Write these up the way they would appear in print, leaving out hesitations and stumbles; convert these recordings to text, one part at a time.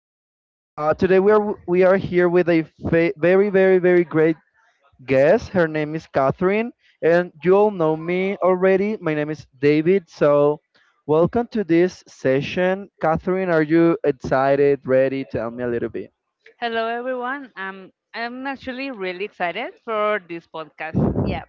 you know. Today we are here with a very very very great guest. Her name is Catherine, and you all know me already. My name is David. So, welcome to this session. Catherine, are you excited? Ready? Tell me a little bit. Hello, everyone. I'm actually really excited for this podcast. Yeah.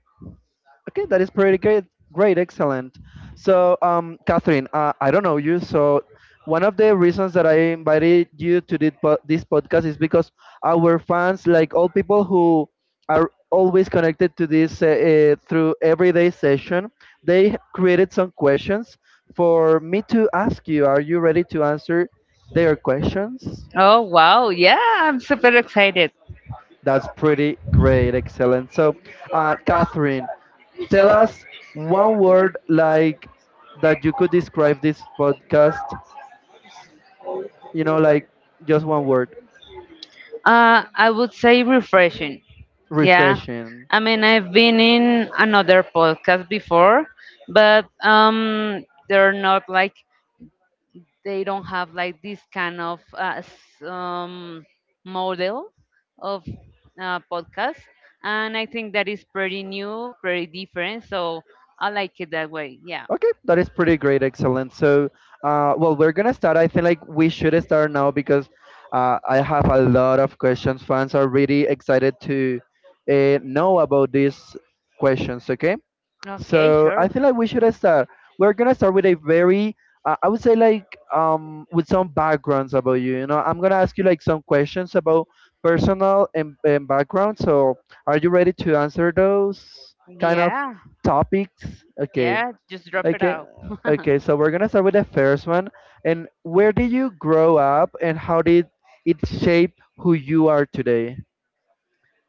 Okay, that is pretty great. Great, excellent. So, Catherine, I don't know you. So, one of the reasons that I invited you to this podcast is because our fans, like all people who are always connected to this through everyday session, they created some questions for me to ask you. Are you ready to answer their questions? Oh, wow. Yeah, I'm super excited. That's pretty great, excellent. So, Catherine, tell us one word like that you could describe this podcast, like just one word, I would say refreshing. Yeah. refreshing. I mean, I've been in another podcast before, but they're not like, they don't have like this kind of model of podcast. And I think that is pretty new, pretty different. So I like it that way. Yeah. Okay, that is pretty great. Excellent. So, well, we're going to start. I think like we should start now because I have a lot of questions. Fans are really excited to know about these questions. Okay. Okay, So I sure. feel like we should start. We're gonna start with a very, I would say like with some backgrounds about you. You know, I'm gonna ask you like some questions about personal and background. So are you ready to answer those kind of Yeah, topics? Okay, yeah, just drop it okay, out. okay. So we're gonna start with the first one. And where did you grow up, and how did it shape who you are today?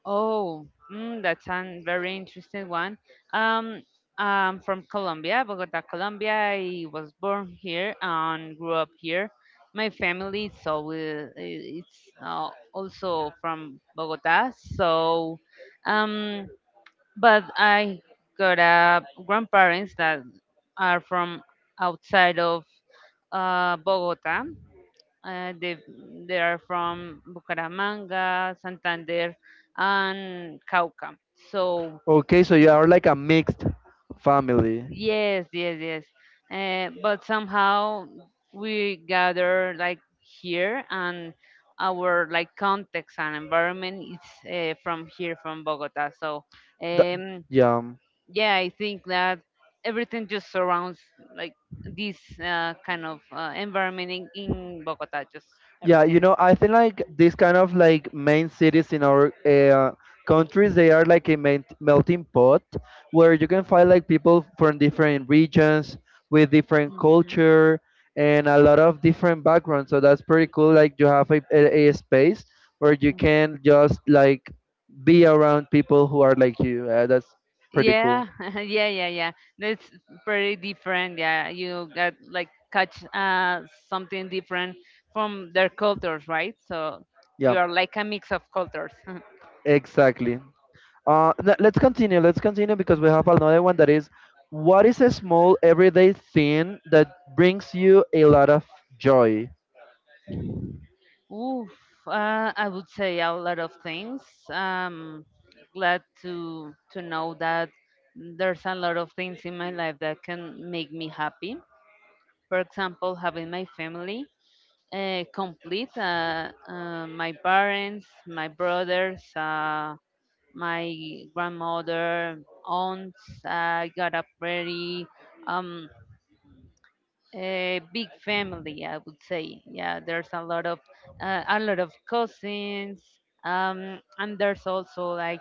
Oh, that's a very interesting one. Um, I'm from Colombia, Bogota, Colombia. I was born here and grew up here. My family is always it's also from Bogota. So, um, but I got grandparents that are from outside of Bogota. Uh, they they are from Bucaramanga, Santander, and Cauca. So Okay, so you are like a mixed family. yes, yes, yes. But somehow we gather like here, and our like context and environment is from here, from Bogota. So Th- um, yeah. Yeah, I think that everything just surrounds like this kind of environment in Bogota. Just Yeah, you everything. know, I think like these kind of like main cities in our countries, they are like a melting pot where you can find like people from different regions with different Mhm. culture and a lot of different backgrounds. So that's pretty cool. Like you have a space where you can just like be around people who are like you. That's pretty cool. Yeah, yeah, yeah, yeah. That's pretty different. Yeah, you got like catch something different from their cultures, right? So Yeah, you are like a mix of cultures. exactly. Let's continue. Let's continue because we have another one, that is, what is a small everyday thing that brings you a lot of joy? Oof, I would say a lot of things. Um, glad to know that there's a lot of things in my life that can make me happy. For example, having my family complete, my parents, my brothers. My grandmother, aunts. I got a pretty um, a big family, I would say. Yeah, there's a lot of cousins, and there's also like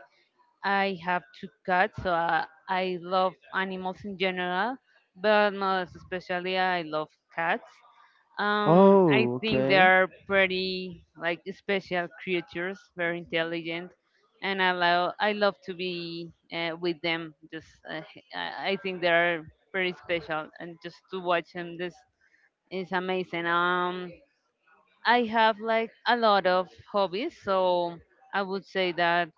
I have two cats, so I love animals in general, but most especially I love cats. I Oh, think they okay. are pretty like special creatures, very intelligent, and I love to be with them. Just I think they are pretty special, and just to watch them, this is amazing. I have like a lot of hobbies, so I would say that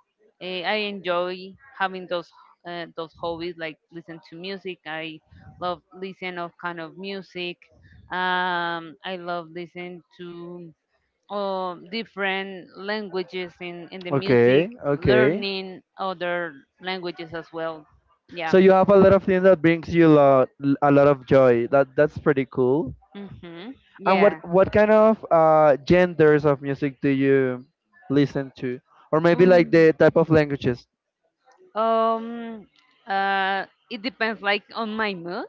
I enjoy having those hobbies, like listen to music. I love listen of kind of music. I love listen to different languages in the Okay, music, okay. learning other languages as well. Yeah. So you have a lot of things that brings you a lot of joy. That's pretty cool. Mhm. And what Yeah. what kind of genders of music do you listen to, or maybe like Mm, the type of languages? Um, it depends, like on my mood,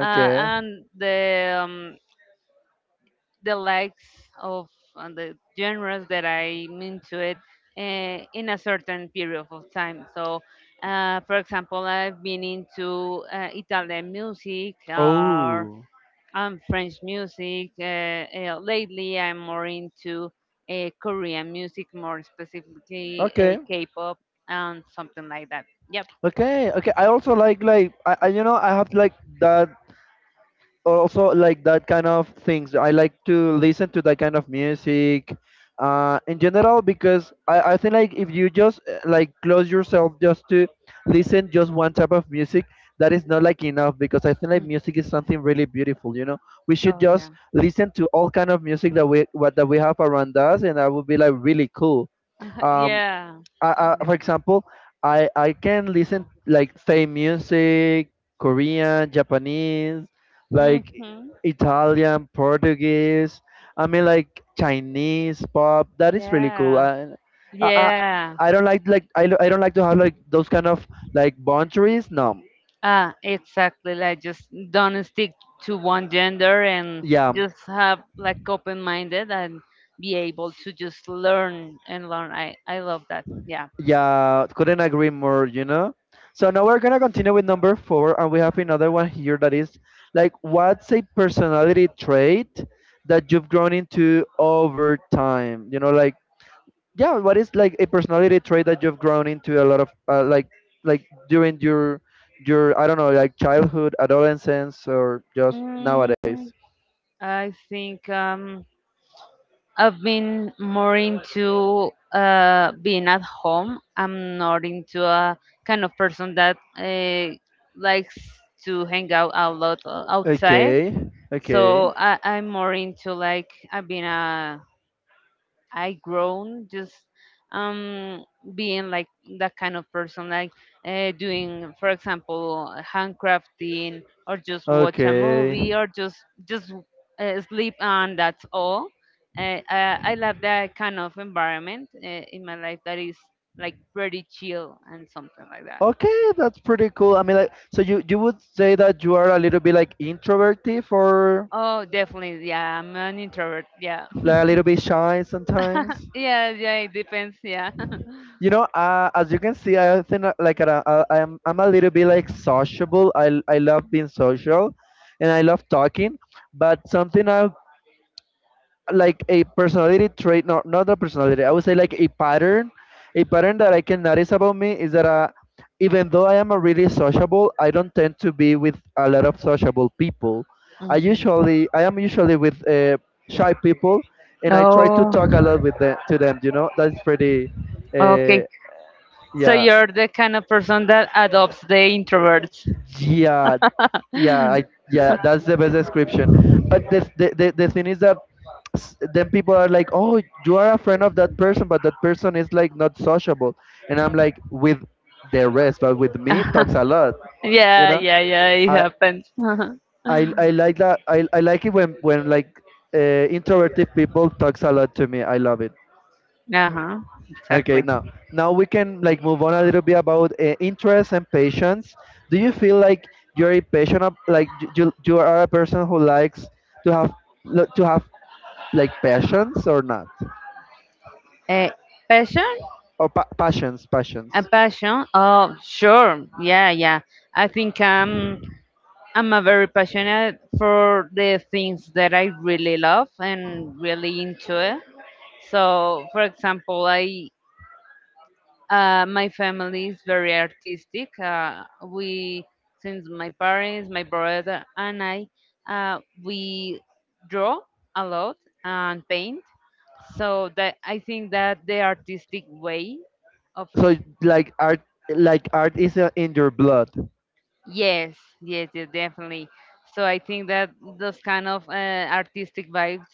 and the likes of and the genres that I'm into it in a certain period of time. So, for example, I've been into Italian music or oh, French music. Lately, I'm more into Korean music, more specifically okay, K-pop and something like that. Yep. okay, okay. I also like I I have like that, also like that kind of things. I like to listen to that kind of music in general, because I think like if you just like close yourself just to listen just one type of music, that is not like enough, because I think like music is something really beautiful. We should Oh just yeah. listen to all kind of music that we what that we have around us, and that would be like really cool. um yeah. For Definitely. example, I can listen like, say, music, Korean, Japanese, like Mhm. Italian, Portuguese. I mean like Chinese pop. That is really cool. Yeah. I I, Yeah. I don't like I don't like to have like those kind of like boundaries. No. Ah, exactly. Like just don't stick to one gender and Yeah. just have like open minded and be able to just learn and learn. I love that. Yeah. Yeah, couldn't agree more, you know? So now we're gonna continue with number four, and we have another one here, that is like, what's a personality trait that you've grown into over time? You know, like, yeah, what is like a personality trait that you've grown into a lot of, like during your, I don't know, like childhood, adolescence, or just Mm, nowadays? I think I've been more into being at home. I'm not into a kind of person that likes to hang out a lot outside. Okay, So okay, I'm more into like I've been a I grown just um being like that kind of person like doing for example handcrafting or just watch a okay. movie or just just sleep and that's all I love that kind of environment in my life that is like pretty chill and something like that. Okay, that's pretty cool. I mean, like, so you would say that you are a little bit like introverted or Oh definitely, yeah, I'm an introvert. Yeah. like a little bit shy sometimes. Yeah, yeah, it depends. Yeah. You know, as you can see, I think like I'm a little bit like sociable. I love being social, and I love talking. But something I, like, a personality trait, not a personality, I would say like a pattern that I can notice about me is that even though I am a really sociable, I don't tend to be with a lot of sociable people. I Mm. usually, I am usually with shy people, and I try to Oh, talk a lot with them to them, you know. That's pretty, uh, okay. So yeah, you're the kind of person that adopts the introverts. yeah, yeah, I yeah, that's the best description. But the thing is that, then people are like, oh, you are a friend of that person, but that person is like not sociable and I'm like with the rest, but with me talks a lot, you Yeah, know. yeah, yeah, it i happens. Uh-huh. i, I like that, I like it when like introverted people talks a lot to me, I love it. Uh-huh. Okay, Exactly. now we can like move on a little bit about interest and patience. Do you feel like you're a patient, like you are a person who likes to have like passions or not, Uh, passion? or passions, A passions. passion? Oh, sure. Yeah, yeah. I think I'm a very passionate for the things that I really love and really enjoy. So, for example, I my family is very artistic. We, since my parents, my brother, and I, we draw a lot and paint. So that I think that the artistic way of So like art is in your blood. Yes, yes, yes, definitely. So I think that those kind of artistic vibes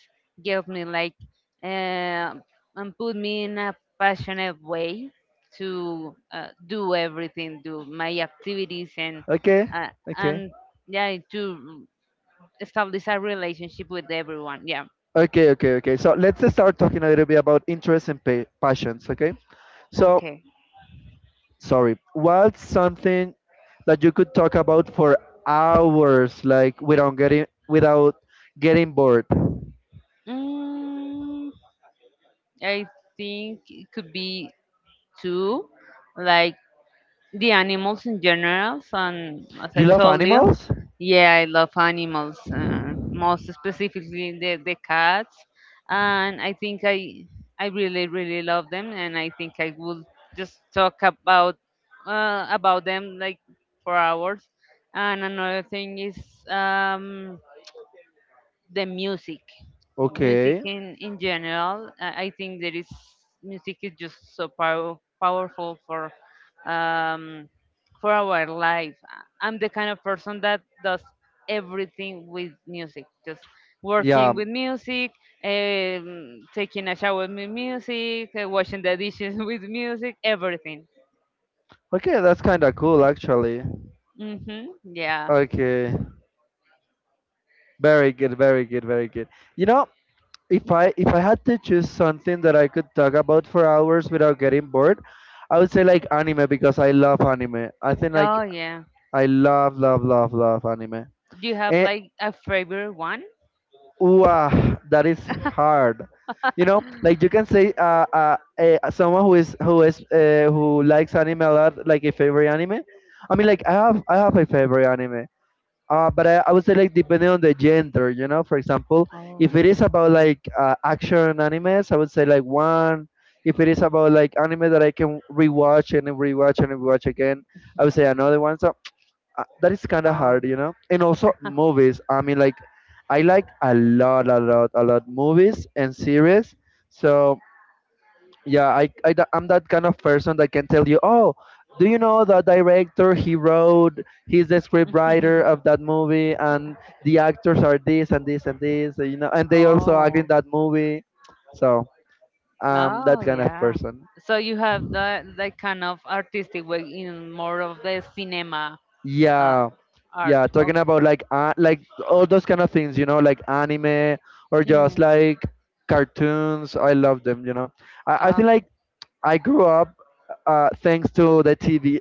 give me like uh, and put me in a passionate way to do everything, do my activities, Okay, uh, okay, and yeah, to establish a relationship with everyone. Yeah. okay, okay, okay. So let's just start talking a little bit about interest and passions. Okay, so Okay. sorry, what's something that you could talk about for hours, like, without getting bored? Mm, I think it could be two, like the animals in general and as I You love told you, animals. yeah, I love animals, most specifically the cats, and I think I really really love them, and I think I will just talk about them like for hours. And another thing is um the music, music Okay, in general. I think there is music is just so powerful um for our life. I'm the kind of person that does everything with music, just working yeah, with music, taking a shower with music, washing the dishes with music, everything. okay, that's kind of cool actually. Mm-hmm. Yeah. Okay, very good, very good, very good. You know, if I had to choose something that I could talk about for hours without getting bored, I would say like anime, because I love anime. I think like Oh yeah, I love, love, love, love anime. do you have And like a favorite one? ooh, ah, that is hard. You know, like you can say, someone who likes anime a lot, like a favorite anime. I mean, like I have a favorite anime. But I would say like depending on the gender, you know. For example, Oh, if it is about like action animes, I would say like one. If it is about like anime that I can rewatch and then rewatch and rewatch again, I would say another one. So that is kind of oh, hard. And also movies. I mean, like, I like a lot, a lot, a lot movies and series. So yeah, I'm that kind of person that can tell you, oh, do you know the director? He wrote. He's the scriptwriter of that movie, and the actors are this and this and this. You know, and they also act oh. in that movie. So that Oh, kind of yeah. person. So you have that kind of artistic way in more of the cinema uh, Yeah, art. yeah, talking Okay. about like all those kind of things, like anime or just Mm. like cartoons. I love them. I think Oh. like I grew up thanks to the TV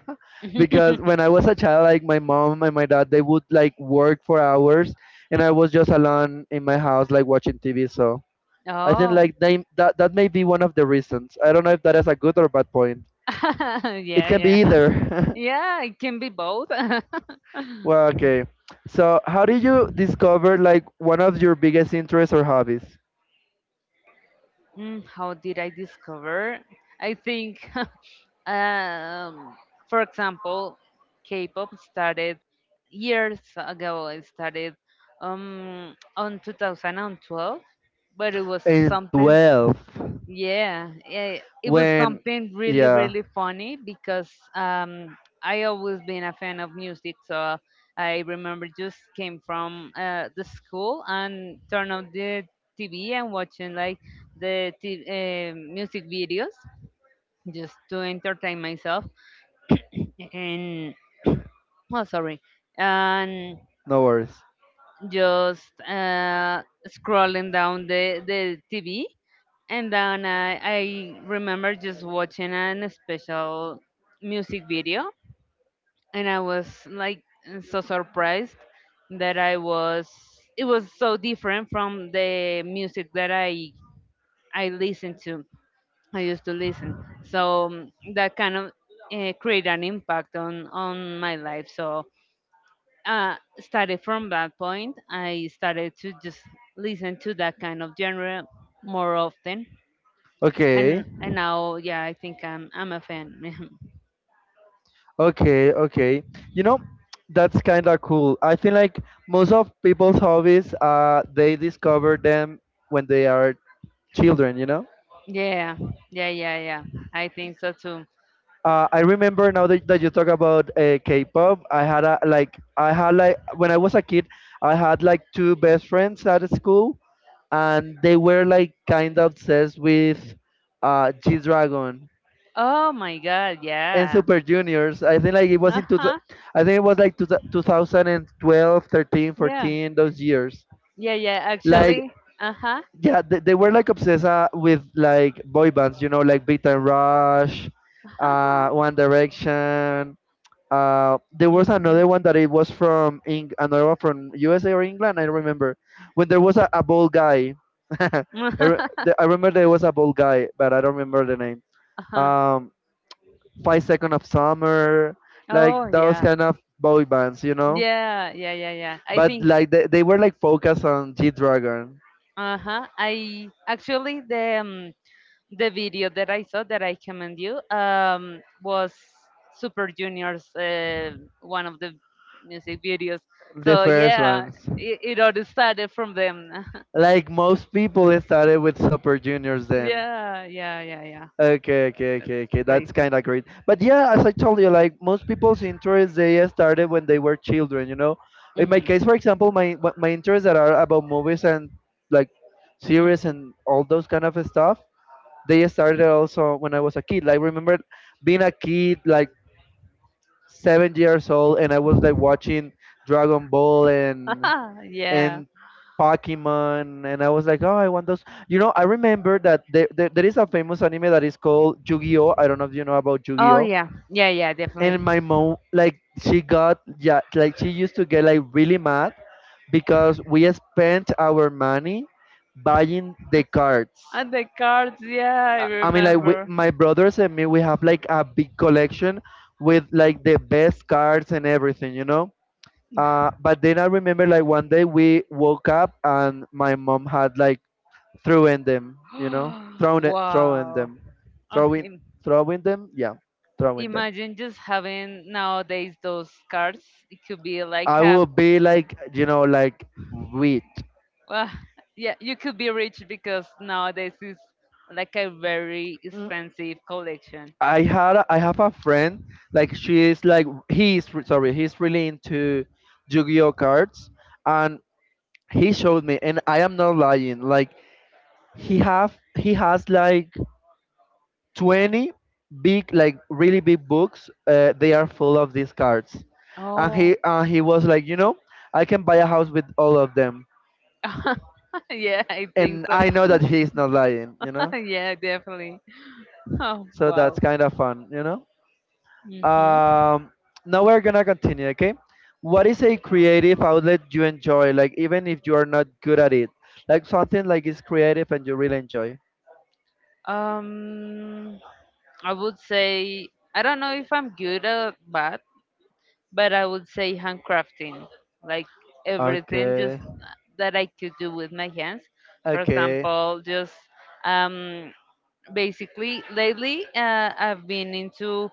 because when I was a child, like my mom and my dad, they would like work for hours, and I was just alone in my house like watching TV. So I think oh. like they that that may be one of the reasons. I don't know if that is a good or bad point. yeah, It can yeah. be either. Yeah, it can be both. Well, okay. So, how did you discover like one of your biggest interests or hobbies? Mm, how did I discover? I think, um, for example, K-pop started years ago. It started on 2012, but it was In something 12. Yeah, it was When, something really, yeah, really funny because I always been a fan of music, so I remember just came from the school and turn on the TV and watching like the music videos just to entertain myself. And well, sorry, and no worries. just scrolling down the TV. And then I remember just watching an special music video. And I was like so surprised that I was, it was so different from the music that I listened to, I used to listen. So that kind of created an impact on my life. So started from that point. I started to just listen to that kind of genre more often, Okay, and now, yeah, I think I'm a fan. okay, okay. You know, that's kind of cool. I feel like most of people's hobbies, they discover them when they are children, you know? yeah, yeah, yeah, yeah. I think so too. I remember now that you talk about K-pop. I had a, like I had like When I was a kid, I had like two best friends at school, and they were like kind of obsessed with G-Dragon Oh my God, and yeah. Super Juniors. I think like it was Uh in huh. I think it was like 2012, 13, Yeah. 14, those years. Yeah, yeah. Like Actually, uh huh. yeah, they were like obsessed with like boy bands, like Big Time Rush, Uh huh. One Direction. There was another Mhm. one that it was from another one from USA or England. I don't remember when there was a bald guy. I, re- the- I remember there was a bald guy, but I don't remember the name. uh-huh. Um, Five Second of Summer, like Oh those yeah. kind of boy bands. Yeah, yeah, yeah, yeah. I But think. like they were like focused on G Dragon, Uh huh. I actually the. The video that I saw that I commend you was Super Junior's one of the music videos. the So first yeah, ones. It all started from them. Like most people started with Super Juniors then. yeah, yeah, yeah, yeah. Okay, okay, That's okay, okay. That's crazy. kind of great. But yeah, as I told you, like most people's interests, they started when they were children. You know, in my Hmm case, for example, my interests that are about movies and like series hmm. and all those kind of stuff, they started also when I was a kid. Like remember being a kid, like 7 years old, and I was like watching Dragon Ball and yeah. and Pokemon, and I was like, oh, I want those. You know, I remember that there is a famous anime that is called Yu-Gi-Oh. I don't know if you know about Oh Yu-Gi-Oh. yeah, yeah, yeah, definitely. And my mom, like, she got yeah, like she used to get like really mad because we spent our money buying the cards. And the cards, yeah, I I mean, like, we, remember. my brothers and me, we have like a big collection with like the best cards and everything, but then I remember like one day we woke up and my mom had like thrown them, thrown it, throwing wow. them, I throwing, throwing them, yeah, throwing them. imagine just having nowadays those cards. It could be like I a will be like, like wheat. Well, yeah, you could be rich because nowadays it's like a very Mm, expensive collection. I have a friend, like he is re- sorry, he's really into Yu-Gi-Oh cards, and he showed me, and I am not lying, like he has like 20 big like really big books, they are full of these cards, and Oh, he was like, I can buy a house with all of them, yeah, I think and so. I know that he's not lying, yeah, definitely. Oh, so that's wow. kind of fun. Hmm. um now we're gonna continue. Okay, what is a creative outlet you enjoy, like even if you are not good at it, like something like is creative and you really enjoy? Um, I would say I don't know if I'm good or bad, but I would say handcrafting, like everything just Okay. that I could do with my hands. For Okay. example, just um, basically lately I've been into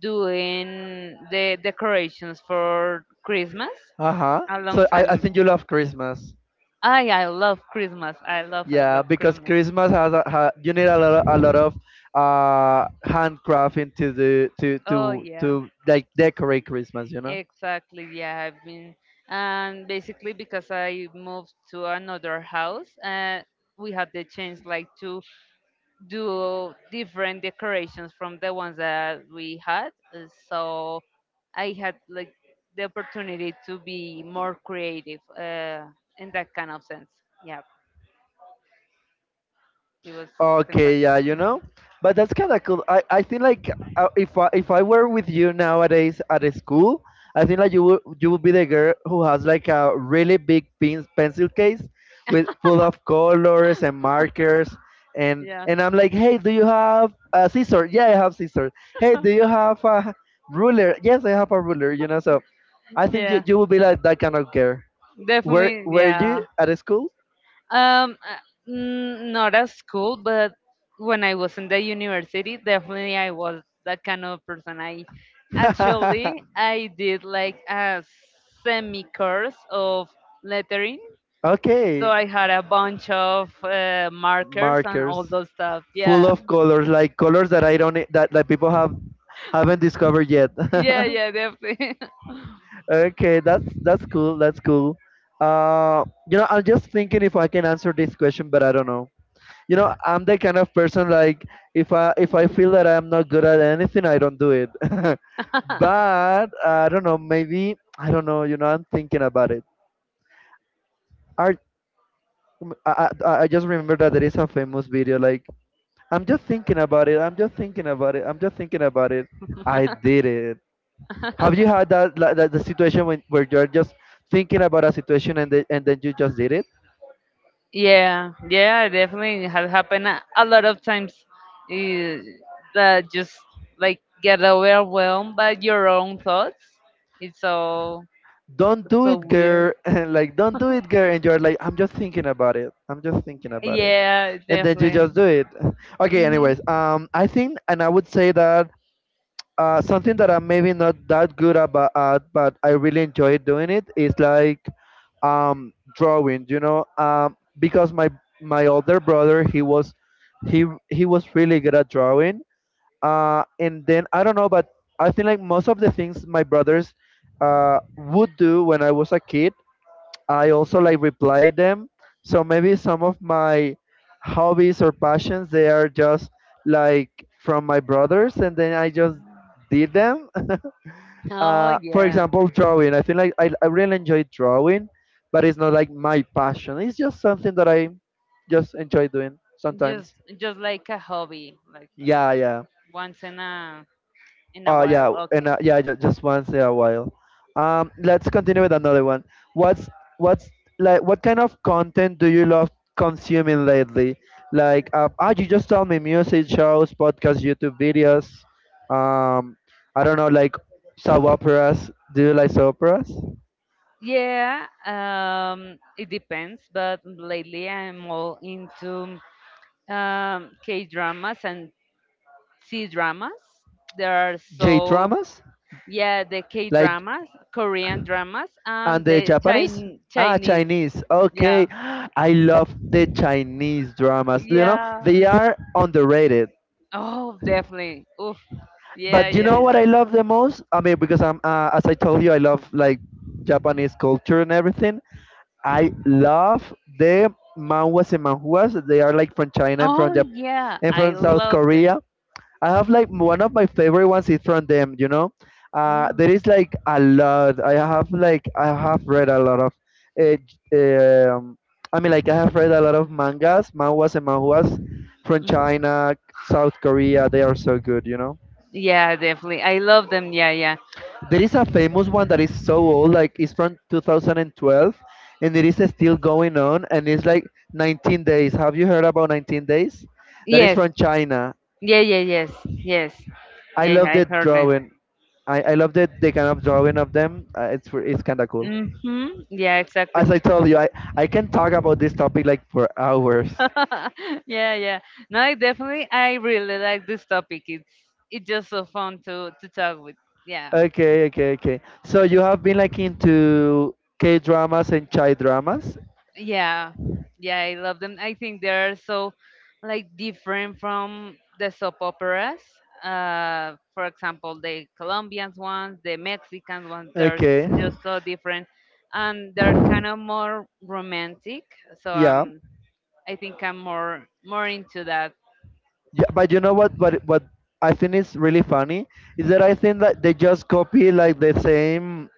doing the decorations for Christmas Uh huh. a long So I time. think you love Christmas. I love Christmas. I Yeah, love because Christmas. Christmas you need a lot of handcrafting to do Oh yeah. to like decorate Christmas. You know. Exactly, yeah, I've been, and basically because I moved to another house, we had the chance like to do different decorations from the ones that we had. So I had like the opportunity to be more creative, in that kind of sense. Yeah, it was something fun. Okay, yeah, you know, Mhm. but that's kind of cool. I think like if I were with you nowadays at a school, I think like you would be the girl who has like a really big pencil case with full of colors and markers, and Yeah, I'm like, hey, do you have a scissor? Yeah, I have scissors. Hey, do you have a ruler? Yes, I have a ruler. You know, so I think yeah, you would be like that kind of girl. Definitely, Were you yeah. at a school? Not at school, but when I was in the university, definitely I was that kind of person. I did like a semi course of lettering, so Okay, I had a bunch of markers and all markers. those stuff. Full Yeah, of colors, like colors that I don't that people haven't discovered yet. yeah, yeah, definitely. Okay, that's cool. That's cool. You know, I'm just thinking if I can answer this question, but I don't know. You know, I'm the kind of person like if I feel that I'm not good at anything, I don't do it. But I don't know. Maybe I don't know. You know, I'm thinking about it. Art. I, I, I just remember that there is a famous video like I'm just thinking about it. I'm just thinking about it. I'm just thinking about it. I did it. Have you had that, like, that the situation when where you're just thinking about a situation, and then you just did it? Yeah, yeah, it definitely has happened a lot of times. Eh, that just like get overwhelmed by your own thoughts. It's so Don't do so it, weird. girl. And like don't do it, girl. And you're like, I'm just thinking about it. I'm just thinking about it. Yeah, And then you definitely. just do it. Okay. Hmm. Anyways, I think, and I would say that something that I'm maybe not that good about at, but I really enjoy doing it is like drawing. You know, because my older brother he was really good at drawing. And then I don't know, but I think like most of the things my brothers would do when I was a kid, I also like reply them. So maybe some of my hobbies or passions, they are just like from my brothers, and then I just did them. Oh For yeah, example, drawing. I feel like I really enjoy drawing, but it's not like my passion. It's just something that I just enjoy doing just sometimes. just like a hobby, like Yeah, yeah. once in a while. Yeah, and Okay. Yeah, just once in a while. Let's continue with another one. What's what's like, what kind of content do you love consuming lately? Like, you just told me music shows, podcasts, YouTube videos. Um, I don't know, like soap operas. Do you like soap operas? Yeah, it depends, but lately I'm all into K dramas and C dramas. There are J so dramas, yeah the K like dramas, Korean dramas, and and the the Japanese. Ah, Chinese. Chinese. Okay, Yeah, I love the Chinese dramas. You know, yeah. they are underrated. Oh, definitely. Oof. Yeah, But you yeah, know what yeah. I love the most? I mean, because as I told you, I love like Japanese culture and everything. I love the manhwas and manhuas. They are like from China and Oh yeah, I from South love them. Korea. I have like one of my favorite ones is from them. You know, there Mm. is like a lot. I have like I have read a lot of, uh, j- um, I mean, like I have read a lot of mangas, manhwas and manhuas from China, South Korea. They are so good. You know. Yeah, definitely. I love them. Yeah, yeah. There is a famous one that is so old, like it's from 2012, and it is still going on, and it's like 19 days. Have you heard about 19 days? That is Yes. from China. Yeah, yeah, yes, yes. I Yeah, yeah love the I've heard them. drawing. I love the kind of drawing of them. It's kind of cool. Mm-hmm. Yeah, exactly. As I told you, I can talk about this topic like for hours. yeah, yeah. No, I definitely, I really like this topic. It's just so fun to talk with. Yeah, Okay, okay, okay. So you have been like into K dramas and Chai dramas. yeah, yeah. I love them. I think they're so like different from the soap operas. For example, the Colombian ones, the Mexican ones. They're Okay. just so different, and they're kind of more romantic. So Yeah. I think I'm more more into that. Yeah, but you know what? What I think is really funny is that I think that they just copy like the same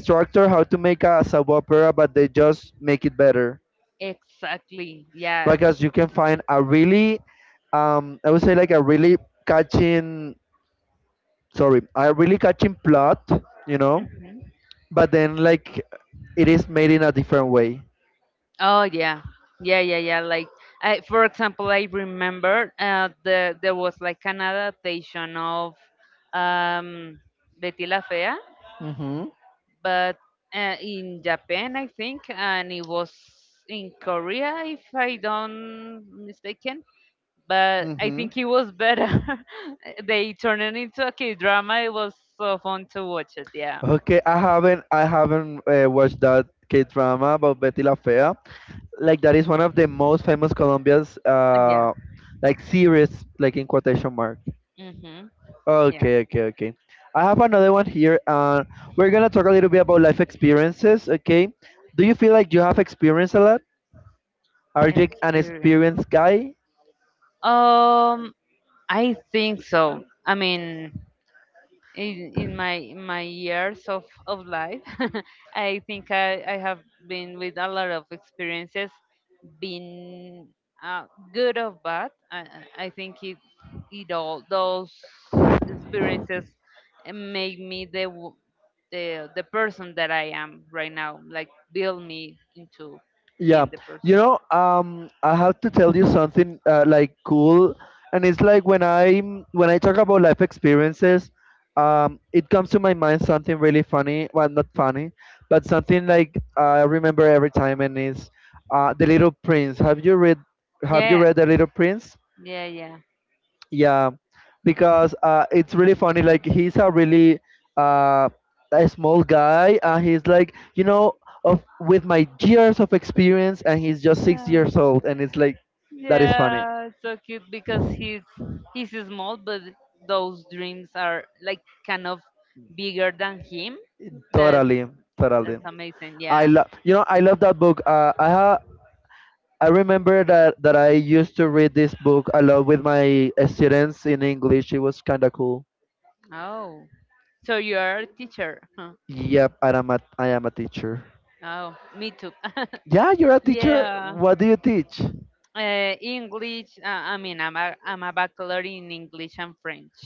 structure how to make a soap opera, but they just make it better Exactly. Yeah. because you can find a really, I would say like a really catching, sorry, a really catching plot, you know, but then like it is made in a different way. Oh yeah, yeah, yeah, yeah. Like, I, for example, I remember there was like an adaptation of um, Betty La Fea, Mm-hmm. but in Japan, I think, and it was in Korea, if I don't mistaken. But I Mm-hmm. think it was better. They turned it into a K drama. It was so fun to watch it. Yeah. Okay, I haven't watched that K drama about Betty La Fea. Like that is one of the most famous Colombia's Yeah. Like series like in quotation mark. Mm-hmm. Yeah. Okay, okay, okay. I have another one here. We're gonna talk a little bit about life experiences. Okay, do you feel like you have experienced a lot? Are you an Experience. experienced guy? Um, I think so. I mean, in my years of life. I think I have been with a lot of experiences, been uh, good or bad. I think it, it all those experiences make me the, w- the person that I am right now, like, build me into Yeah, being the you person. know, I have to tell you something like cool, and it's like when I talk about life experiences, it comes to my mind something really funny. Well, not funny, but something like I remember every time, and it's The Little Prince. Have you Yeah, read The Little Prince? yeah, yeah. Yeah, because it's really funny, like he's a really uh a small guy, and he's like, you know, of with my years of experience, and he's just 6 years old, and it's like that is funny. Yeah, it's so cute because he's small, but those dreams are like kind of bigger than him. That's Totally, totally. that's amazing. I Yeah. love, you know, I love that book. I remember that I used to read this book a lot with my students in English. It was kind of cool. Oh, so you're a teacher? Huh. Yep, I am a teacher. Oh, me too. Yeah, you're a teacher, Yeah. what do you teach? English. I mean, I'm a bachelor in English and French.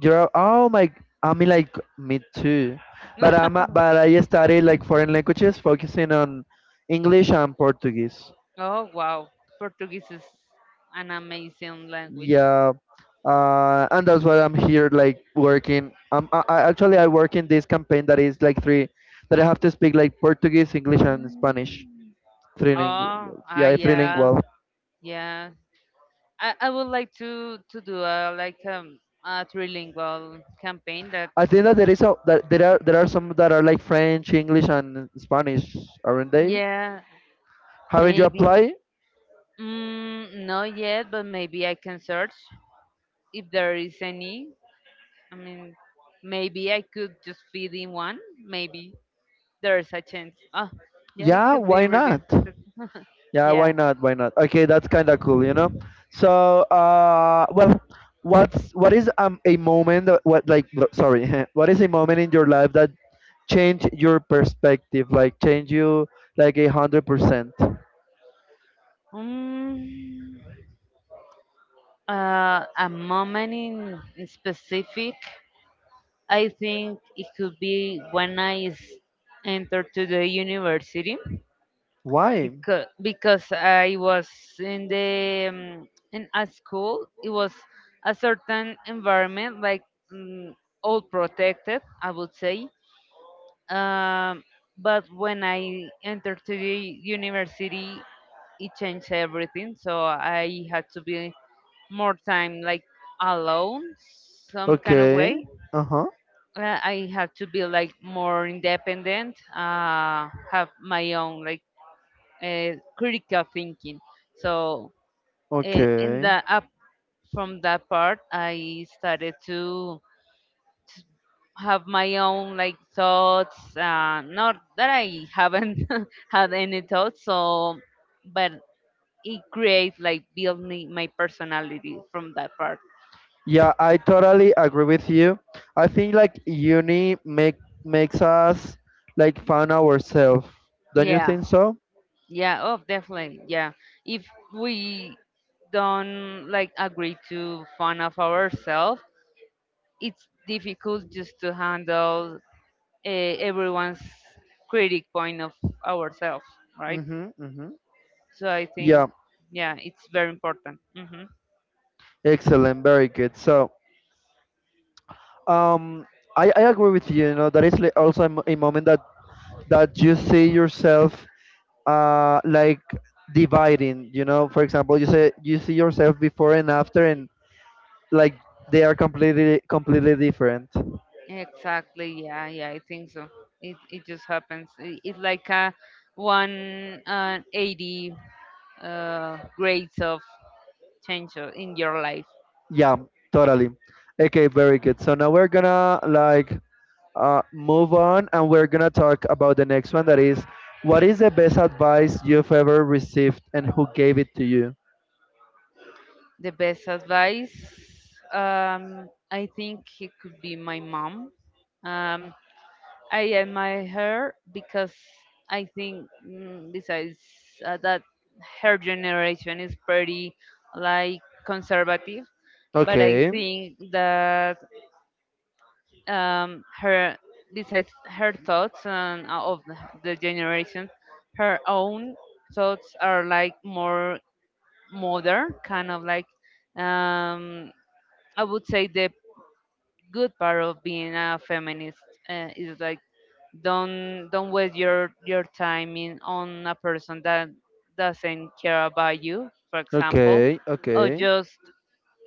You're, oh my, I mean, like me too. But I study like foreign languages focusing on English and Portuguese. Oh wow, Portuguese is an amazing language. Yeah. And that's why I'm here like working. I actually I work in this campaign that is like three that I have to speak like Portuguese, English and Spanish. Mm. Three lingu, Oh, ah, yeah, three yeah, lingual. yeah. I would like to do a like a trilingual campaign. That, I think that there is a that there are some that are like French, English and Spanish, aren't they? yeah, Haven't you maybe. applied? Not yet, but maybe I can search if there is any. I mean, maybe I could just feed in one. Maybe there's a chance. Ah, yeah, it Yeah, could be why really not? interesting. Yeah, why Yeah. not? Why not? Okay, that's kind of cool, you know. So, well, what is a moment that- What like lo- sorry, what is a moment in your life that changed your perspective? Like change you like 100%. mm, a moment in specific, I think it could be when I entered to the university. Why? Because I was in the um, in a school. It was a certain environment, like, mm, all protected, I would say. Um, but when I entered to the university, it changed everything. So I had to be more time, like alone, some kind of Okay. way. Uh huh. I have to be like more independent, have my own, like, critical thinking. So in Okay. the up from that part, I started to have my own, like, thoughts. Not that I haven't had any thoughts, so, but it creates, like, build me my personality from that part. Yeah, I totally agree with you. I think like uni makes us like find ourselves. Don't you Yeah. think so? Yeah, oh, definitely. Yeah. If we don't like agree to fun of ourselves, it's difficult just to handle uh, everyone's critic point of ourselves, right? Mm-hmm. Mm-hmm. So I think, Yeah. yeah, it's very important. Hmm. Excellent, very good. So, um, I agree with you. You know that is also a a moment that you see yourself, like dividing. You know, for example, you say you see yourself before and after, and like they are completely different. Exactly. Yeah. Yeah. I think so. It just happens. It's like a one 80 grades of change in your life. Yeah, totally. Okay, very good. So now we're gonna like move on, and we're gonna talk about the next one. That is, what is the best advice you've ever received, and who gave it to you? The best advice, I think it could be my mom. Um, I admire her because I think, besides that, her generation is pretty like conservative. But I Okay. think that, her, besides her thoughts and of the generation, her own thoughts are like more modern, kind of like, um, I would say the good part of being a feminist is like, don't waste your time in on a person that doesn't care about you, for example, Okay, or okay. just,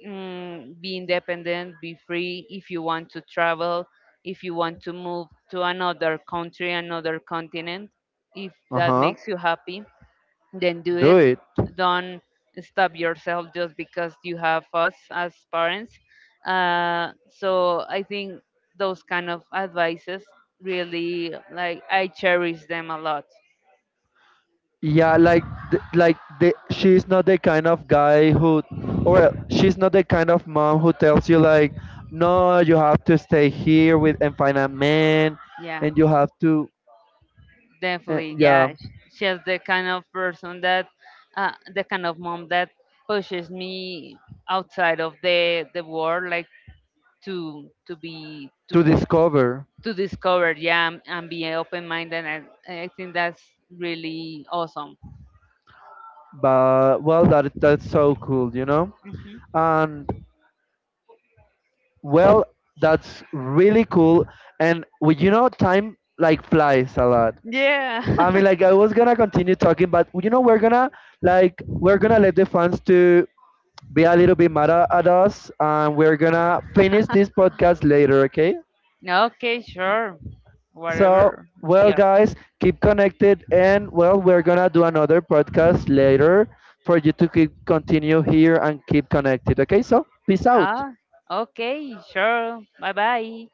be independent, be free. If you want to travel, if you want to move to another country, another continent, if that Uh-huh. makes you happy, then do Do it. it. Don't stop yourself just because you have us as parents. So I think those kind of advices really, like, I cherish them a lot. Yeah, like the she's not the kind of guy who, or well, she's not the kind of mom who tells you like, no, you have to stay here with and find a man, Yeah, and you have to definitely. yeah, Yeah, she's the kind of person the kind of mom that pushes me outside of the world, like to be to discover. to discover, yeah, and be open minded. And I think that's really awesome. But well, that's so cool, you know? Hmm. And well, that's really cool, and well, you know, time like flies a lot. Yeah. I mean, like I was gonna continue talking, but you know, we're gonna like we're gonna let the fans to be a little bit mad at us, and we're gonna finish this podcast later, okay? Okay, sure. So, Whatever. well, Yep. guys, keep connected, and well, we're gonna do another podcast later for you to keep continue here and keep connected, okay? So, peace out. Ah, okay, sure. Bye bye.